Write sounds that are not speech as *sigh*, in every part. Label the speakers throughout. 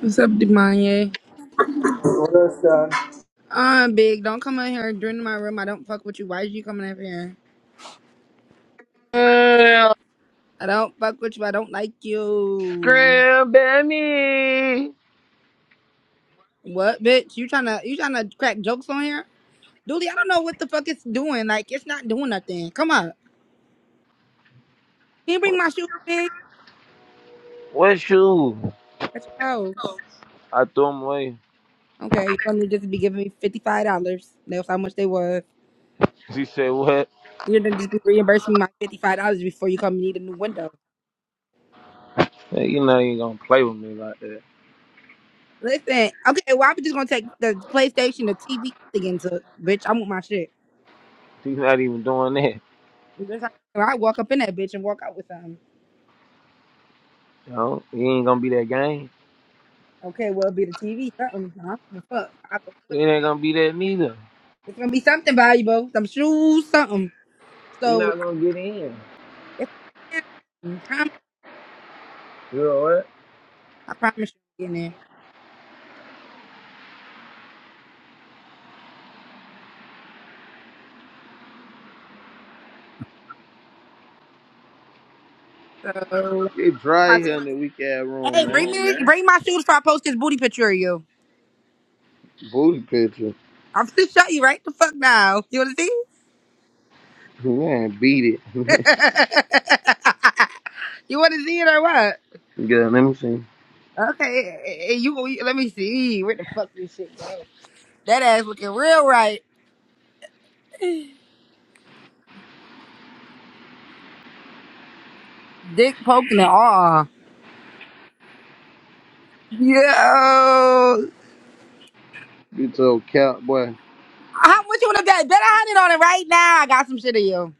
Speaker 1: What's up, Demanye?
Speaker 2: What up,
Speaker 1: Uh, big, don't come in here during my room. I don't fuck with you. Why is you coming in here?
Speaker 3: Girl,
Speaker 1: I don't fuck with you. I don't like you.
Speaker 3: Scram at
Speaker 1: What, bitch? You trying to you trying to crack jokes on here? Dooley, I don't know what the fuck it's doing. Like, it's not doing nothing. Come on. Can you bring my shoes, big?
Speaker 3: What shoe?
Speaker 1: That's your house.
Speaker 3: I threw him away.
Speaker 1: Okay, you're gonna just be giving me fifty five dollars. That's how much they was.
Speaker 3: She said, What?
Speaker 1: You're gonna just be reimbursing me my fifty five dollars before you come and need a new window.
Speaker 3: Hey, you know, you ain't gonna play with me like that.
Speaker 1: Listen, okay, well I'm just gonna take the PlayStation, the TV again to bitch. I want my shit.
Speaker 3: He's not even doing that.
Speaker 1: That's how I walk up in that bitch and walk out with something.
Speaker 3: You know, he ain't gonna be that game.
Speaker 1: Okay, well, it'll be the TV, something. I don't give a fuck. I go, "Good."
Speaker 3: He ain't gonna be that neither.
Speaker 1: it's gonna be something valuable, some shoes, something.
Speaker 3: You're
Speaker 1: So
Speaker 3: not
Speaker 1: I
Speaker 3: gonna get in.
Speaker 1: that's you
Speaker 3: You know what?
Speaker 1: I promise, I promise you, I'm getting there. So like,
Speaker 3: It's dry
Speaker 1: my
Speaker 3: here in
Speaker 1: shoes.
Speaker 3: the weak ass room,
Speaker 1: Hey, bring
Speaker 3: man.
Speaker 1: me, bring my shoes before I post this booty picture of you.
Speaker 3: Booty picture.
Speaker 1: I'm gonna *laughs* show you right the fuck now. You wanna see?
Speaker 3: Man, beat it. *laughs*
Speaker 1: *laughs* you wanna see it or what?
Speaker 3: Good, let me see.
Speaker 1: Okay, eh, eh, eh, you, you let me see where the fuck this shit go. That ass looking real right, dick poking and all. Yo, how
Speaker 3: You told Cap, boy.
Speaker 1: much you want to bet? Bet a hundred on it right now. I got some shit of you.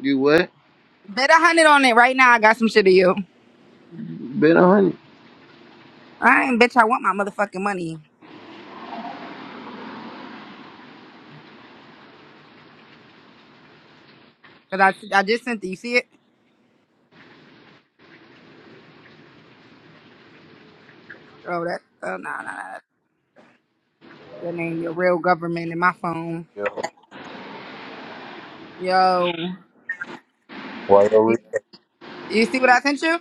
Speaker 3: You what?
Speaker 1: Bet a hundred on it right now. I got some shit of you.
Speaker 3: Been on it.
Speaker 1: I ain't bitch. I want my motherfucking money. Cause I, I just sent it. You see it? Oh, that. Oh, no, no, no. That ain't your real government in my phone.
Speaker 4: Yo,
Speaker 1: Yo,
Speaker 4: why are we
Speaker 1: you, you see what I sent you?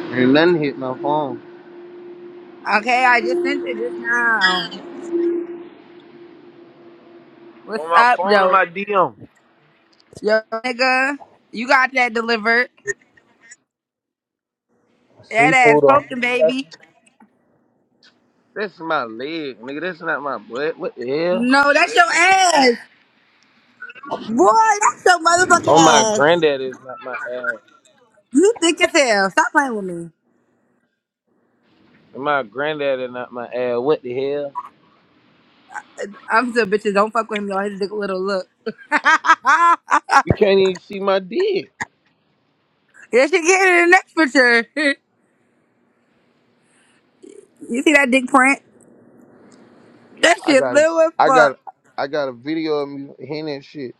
Speaker 3: Ain't nothing hit my phone.
Speaker 1: Okay, I just sent it just now. What's
Speaker 3: On my
Speaker 1: up,
Speaker 3: phone or
Speaker 1: yo?
Speaker 3: my DM?
Speaker 1: Yo, nigga, you got that delivered. That ass
Speaker 4: seafood on?
Speaker 1: poking, baby.
Speaker 3: That's my leg, nigga. That's not my butt. What the hell?
Speaker 1: No, that's your ass. Boy, that's your motherfucking
Speaker 3: Oh, my
Speaker 1: ass.
Speaker 3: granddaddy is not my ass.
Speaker 1: You thick as hell. Stop playing with me.
Speaker 3: And my granddaddy not my ass. What the hell?
Speaker 1: I'm still bitches. Don't fuck with him, y'all. His dick little look. *laughs*
Speaker 3: You can't even see my dick.
Speaker 1: yes, you get it in the next picture. *laughs* you see that dick print? That
Speaker 3: I
Speaker 1: shit
Speaker 3: got, a-
Speaker 1: little as
Speaker 3: I
Speaker 1: fuck.
Speaker 3: got, I got a video of me hitting that shit.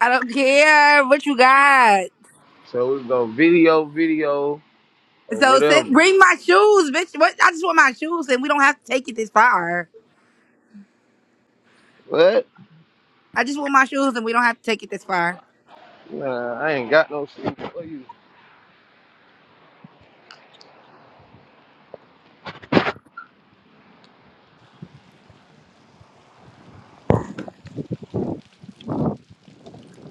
Speaker 1: I don't care what you got.
Speaker 3: So we go video, video, or
Speaker 1: So send,
Speaker 3: whatever.
Speaker 1: bring my shoes, bitch. What? I just want my shoes, and we don't have to take it this far.
Speaker 3: What?
Speaker 1: I just want my shoes, and we don't have to take it this far.
Speaker 3: Nah, I ain't got no shit. What you?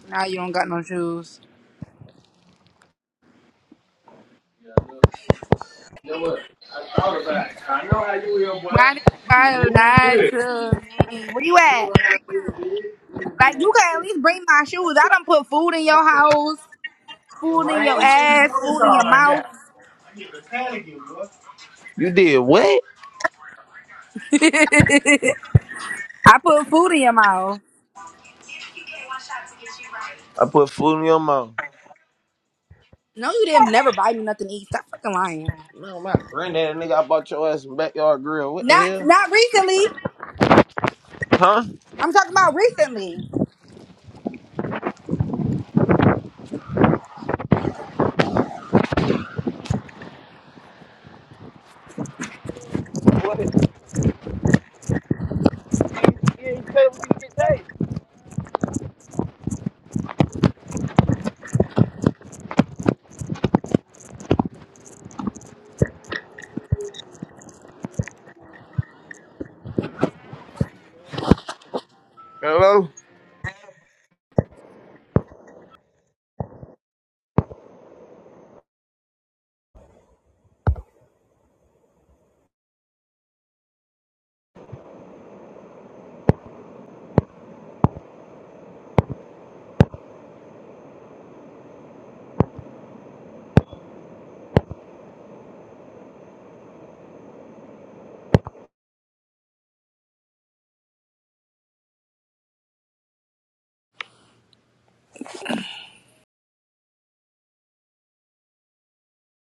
Speaker 1: Nah, you don't got no shoes.
Speaker 3: Yeah, no. You know what? I thought about it. I know how you here, boy.
Speaker 1: Why do you
Speaker 3: You
Speaker 1: gotta
Speaker 3: move
Speaker 1: lie
Speaker 3: good.
Speaker 1: to me? Where you
Speaker 3: You
Speaker 1: at?
Speaker 3: know how you did.
Speaker 1: Like you can at least bring my shoes. I done put food in your house.
Speaker 3: It
Speaker 1: Food in your
Speaker 3: rained too. You do
Speaker 1: ass,
Speaker 3: something
Speaker 1: food in your
Speaker 3: like
Speaker 1: mouth.
Speaker 3: that. You did what?
Speaker 1: *laughs* I put food in your mouth.
Speaker 3: I put food in your mouth.
Speaker 1: No, you didn't never buy me nothing to eat. Stop fucking lying.
Speaker 3: No, my granddaddy nigga, I bought your ass some backyard grill. What the
Speaker 1: Not
Speaker 3: hell?
Speaker 1: not recently.
Speaker 3: Huh?
Speaker 1: I'm talking about recently.
Speaker 3: What it say? Hello?